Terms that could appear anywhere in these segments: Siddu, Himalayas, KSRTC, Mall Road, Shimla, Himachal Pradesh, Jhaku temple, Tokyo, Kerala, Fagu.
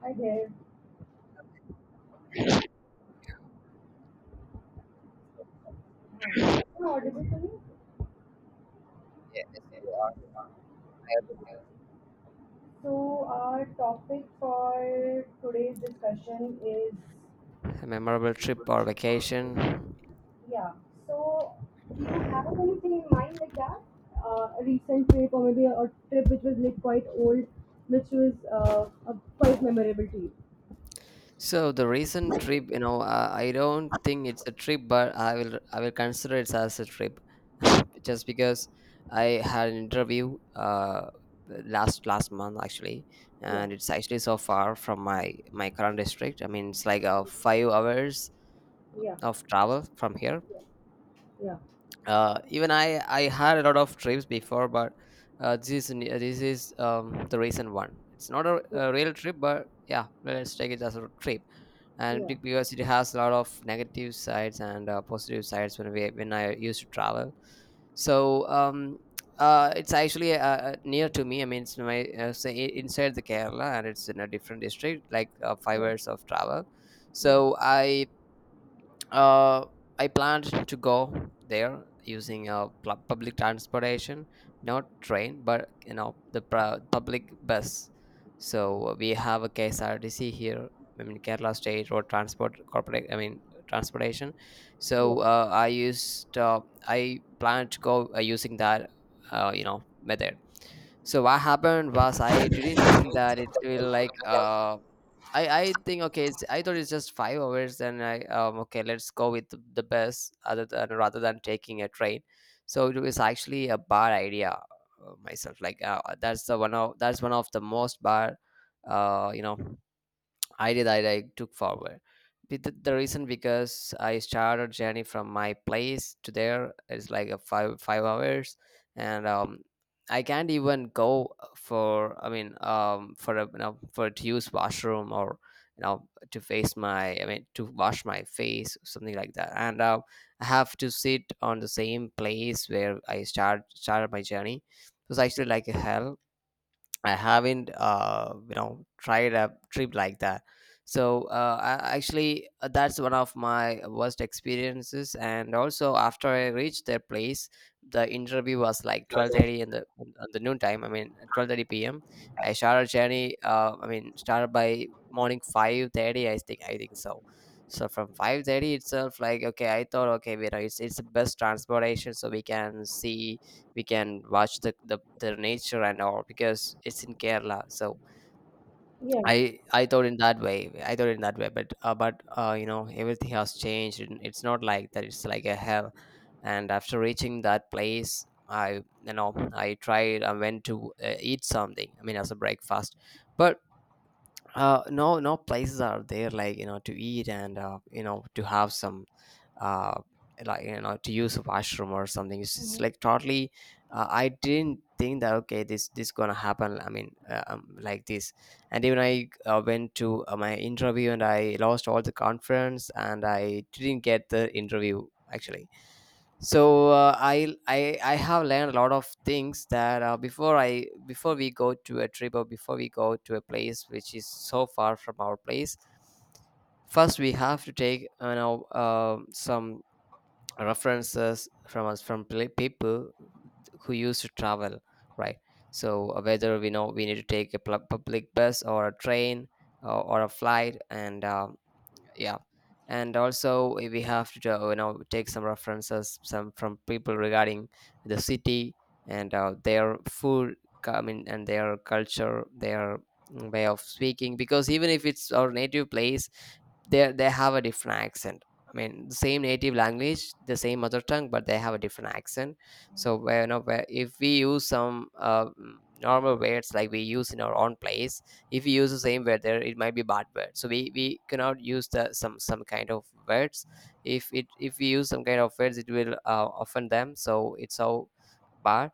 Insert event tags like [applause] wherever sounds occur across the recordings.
Hi there. Hi. Am I audible to you? So our topic for today's discussion is, A memorable trip or vacation. yeah. So do you have anything in mind like that? A recent trip or maybe a trip which was like quite old, which was quite memorable to you. So the recent trip, I don't think it's a trip, but I will consider it as a trip [laughs] just because I had an interview last month actually. Yeah. And it's actually so far from my current district. I mean, it's like 5 hours Yeah. of travel from here. Yeah. Yeah. Even I had a lot of trips before, but this is the recent one. It's not Yeah. a real trip, but yeah, let's take it as a trip. Yeah. Because it has a lot of negative sides and positive sides when we when I used to travel, so um, it's actually near to me. I mean, it's my inside the Kerala, and it's in a different district, like five Yes. hours of travel. Yeah. So uh, I planned to go there using public transportation, not train, but you know, the public bus. So we have a KSRTC here. I mean, Kerala State Road Transport Corporate. I mean transportation. So I planned to go using that method. So what happened was, I didn't think that it will like I think okay I thought it's just 5 hours. Then I okay, let's go with the bus other than, rather than taking a train. So it was actually a bad idea myself, like that's one of the most bad uh you know I did. I took forward. With the reason, because I started journey from my place to there. It's like a five hours, and I can't even go for. I mean, for a, you know, for to use washroom or you know, to face my. I mean, to wash my face, something like that. And I have to sit on the same place where I started my journey. It was actually like a hell. I haven't, tried a trip like that. So that's one of my worst experiences. And also, after I reached their place, the interview was like 12:30 in the noon time. I mean, 12:30 p.m. I started journey. I mean, started by morning 5:30. I think so. So from 5:30 itself, like okay, I thought okay, you know, it's the best transportation, so we can watch the nature and all, because it's in Kerala. So Yes. I thought in that way. But you know, everything has changed. And It's not like that. It's like a hell. And after reaching that place, I you know I tried. I went to eat something. I mean, as a breakfast, but no places are there like, you know, to eat, and to have some uh, to use a washroom or something. It's Yeah. like totally I didn't think that okay, this gonna happen. I mean, like this. And even I went to my interview, and I lost all the conference, and I didn't get the interview, actually. So I have learned a lot of things that before we go to a trip or before we go to a place which is so far from our place. First we have to take, you know, some references from us, from people who used to travel, right? So whether we know we need to take a public bus or a train, or a flight, and yeah. And also we have to take some references, some from people regarding the city, and their food. I mean, and their culture, their way of speaking, because even if it's our native place, they have a different accent. I mean the same native language, the same mother tongue, but they have a different accent. So where, you know, where if we use some normal words like we use in our own place, if you use the same word there, it might be bad word. So we cannot use the some kind of words. If it if we use some kind of words, it will offend them. So it's so bad.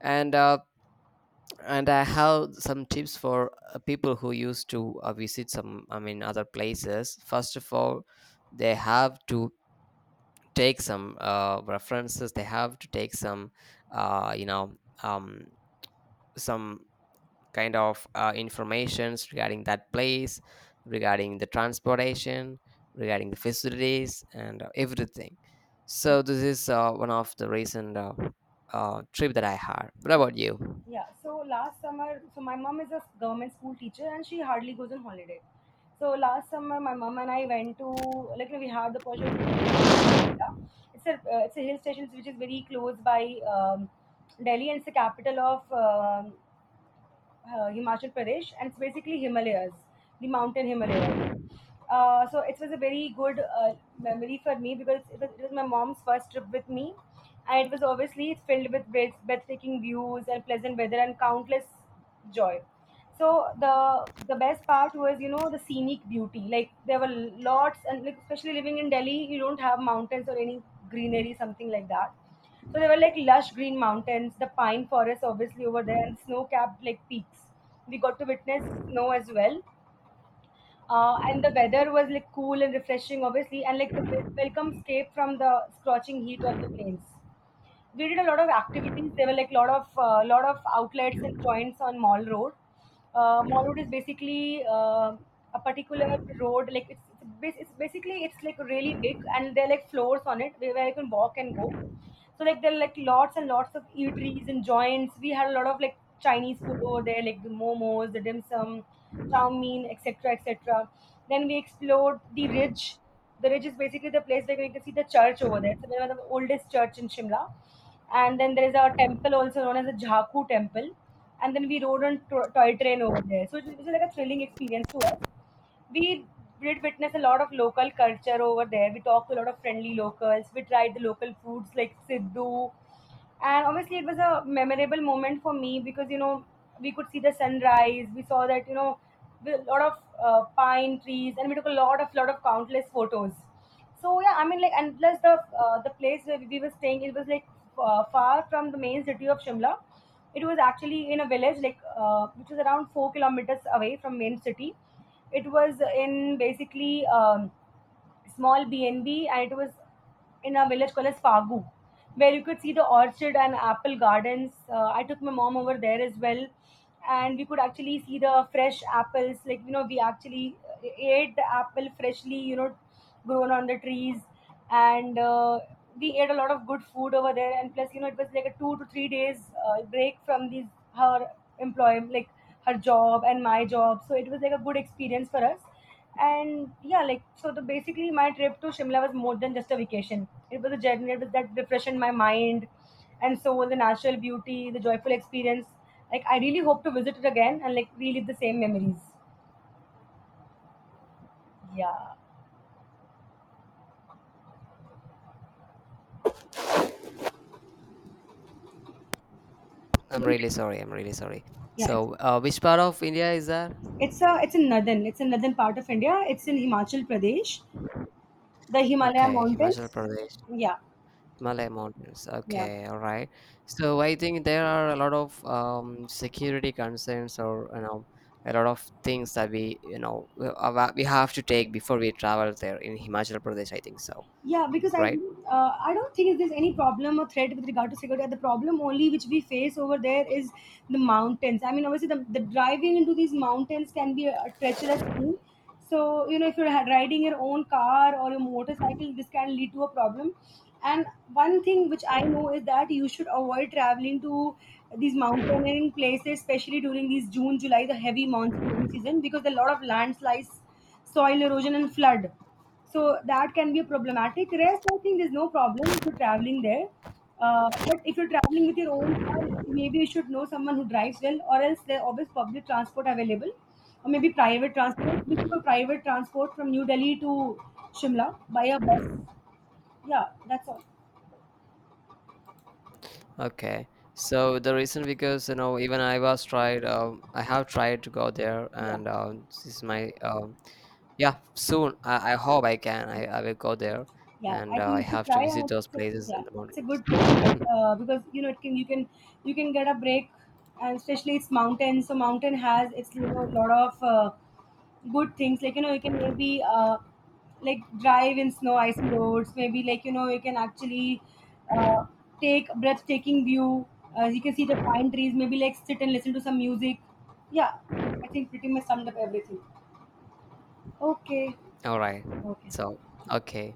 And and I have some tips for people who used to visit some, I mean, other places. First of all, they have to take some references. They have to take some uh, you know um, some kind of informations regarding that place, regarding the transportation, regarding the facilities, and everything. So this is one of the recent trip that I had. What about you? Yeah, so last summer, so my mom is a government school teacher and she hardly goes on holiday. So last summer, my mom and I went to, like, we had the pleasure to, yeah, it's a hill station which is very close by Delhi, and it's the capital of Himachal Pradesh, and it's basically Himalayas, the mountain Himalayas. So it was a very good memory for me because it was my mom's first trip with me, and it was obviously it's filled with breathtaking views and pleasant weather and countless joy. So the best part was the scenic beauty. Like, there were lots, and, like, especially living in Delhi, you don't have mountains or any greenery, something like that. So there were like lush green mountains, the pine forests obviously over there, and snow-capped like peaks. We got to witness snow as well, and the weather was like cool and refreshing, obviously, and like the welcome escape from the scorching heat of the plains. We did a lot of activities. There were like lot of outlets and joints on Mall Road. Mall Road is basically a particular road. Like, it's basically it's like really big, and there are like floors on it where you can walk and go, so like there are like lots and lots of eateries and joints. We had a lot of like Chinese food over there, like the momos, the dim sum, chow mein, etc., etc. Then we explored the ridge. The ridge is basically the place where you can see the church over there. So one of the oldest church in Shimla. And then there is a temple also known as the Jhaku temple. And then we rode on toy train over there. So it was like a thrilling experience to us. We did witness a lot of local culture over there. We talked to a lot of friendly locals. We tried the local foods like Siddu, and honestly it was a memorable moment for me because we could see the sunrise. We saw that a lot of pine trees, and we took a lot of countless photos. So, yeah, I mean, like, and plus, the place where we were staying, it was like far from the main city of Shimla. It was actually in a village, like, which was around 4 kilometers away from main city. It was in, basically, small B&B, and B, and it was in a village called as Fagu, where you could see the orchard and apple gardens. I took my mom over there as well, and we could actually see the fresh apples. Like, we actually ate the apple freshly, grown on the trees, and we ate a lot of good food over there. And plus, it was like a 2 to 3 days break from these, her employment, like her job and my job. So it was like a good experience for us. And, yeah, like, so, the basically, my trip to Shimla was more than just a vacation. It was a journey that refreshed my mind and soul, the natural beauty, the joyful experience. Like, I really hope to visit it again and, like, relive the same memories. Yeah. I'm really sorry. I'm really sorry. Yeah, So, which part of India is that? it's a it's in northern part of India. It's in Himachal Pradesh, the Himalaya Okay, Himachal mountains. Pradesh. Yeah. Malay Mountains. Yeah. Okay, all right. So I think there are a lot of security concerns, or you know, a lot of things that we have to take before we travel there in Himachal Pradesh. I think so, Yeah, because I right? uh, I don't think there's any problem or threat with regard to security. The problem only which we face over there is the mountains. I mean, obviously, the driving into these mountains can be a treacherous thing. So, if you're riding your own car or your motorcycle, this can lead to a problem. And one thing which I know is that you should avoid traveling to these mountaineering places, especially during these June, July, the heavy monsoon rainy season, because there are a lot of landslides, soil erosion, and flood. So that can be problematic. Rest, I think there's no problem if you're traveling there. But if you're traveling with your own car, maybe you should know someone who drives well, or else there are always public transport available, or maybe private transport. We took Hmm. a private transport from New Delhi to Shimla by a bus. Yeah, that's all. Okay. So the reason, because you know, even I was tried. I have tried to go there, Yeah, and this is my yeah. Soon I hope I can. Yeah, I will go there, yeah. and I think I you should have to try, visit and those it's a, places yeah, in the it's a mountains. good place. Because it can you can you can get a break, and especially it's mountain. So mountain has it's a lot of good things, like you can maybe like drive in snow icing roads, maybe like you can actually uh, take a breathtaking view, you can see the pine trees, maybe like sit and listen to some music. Yeah, I think pretty much summed up everything. Okay. All right. Okay. So okay.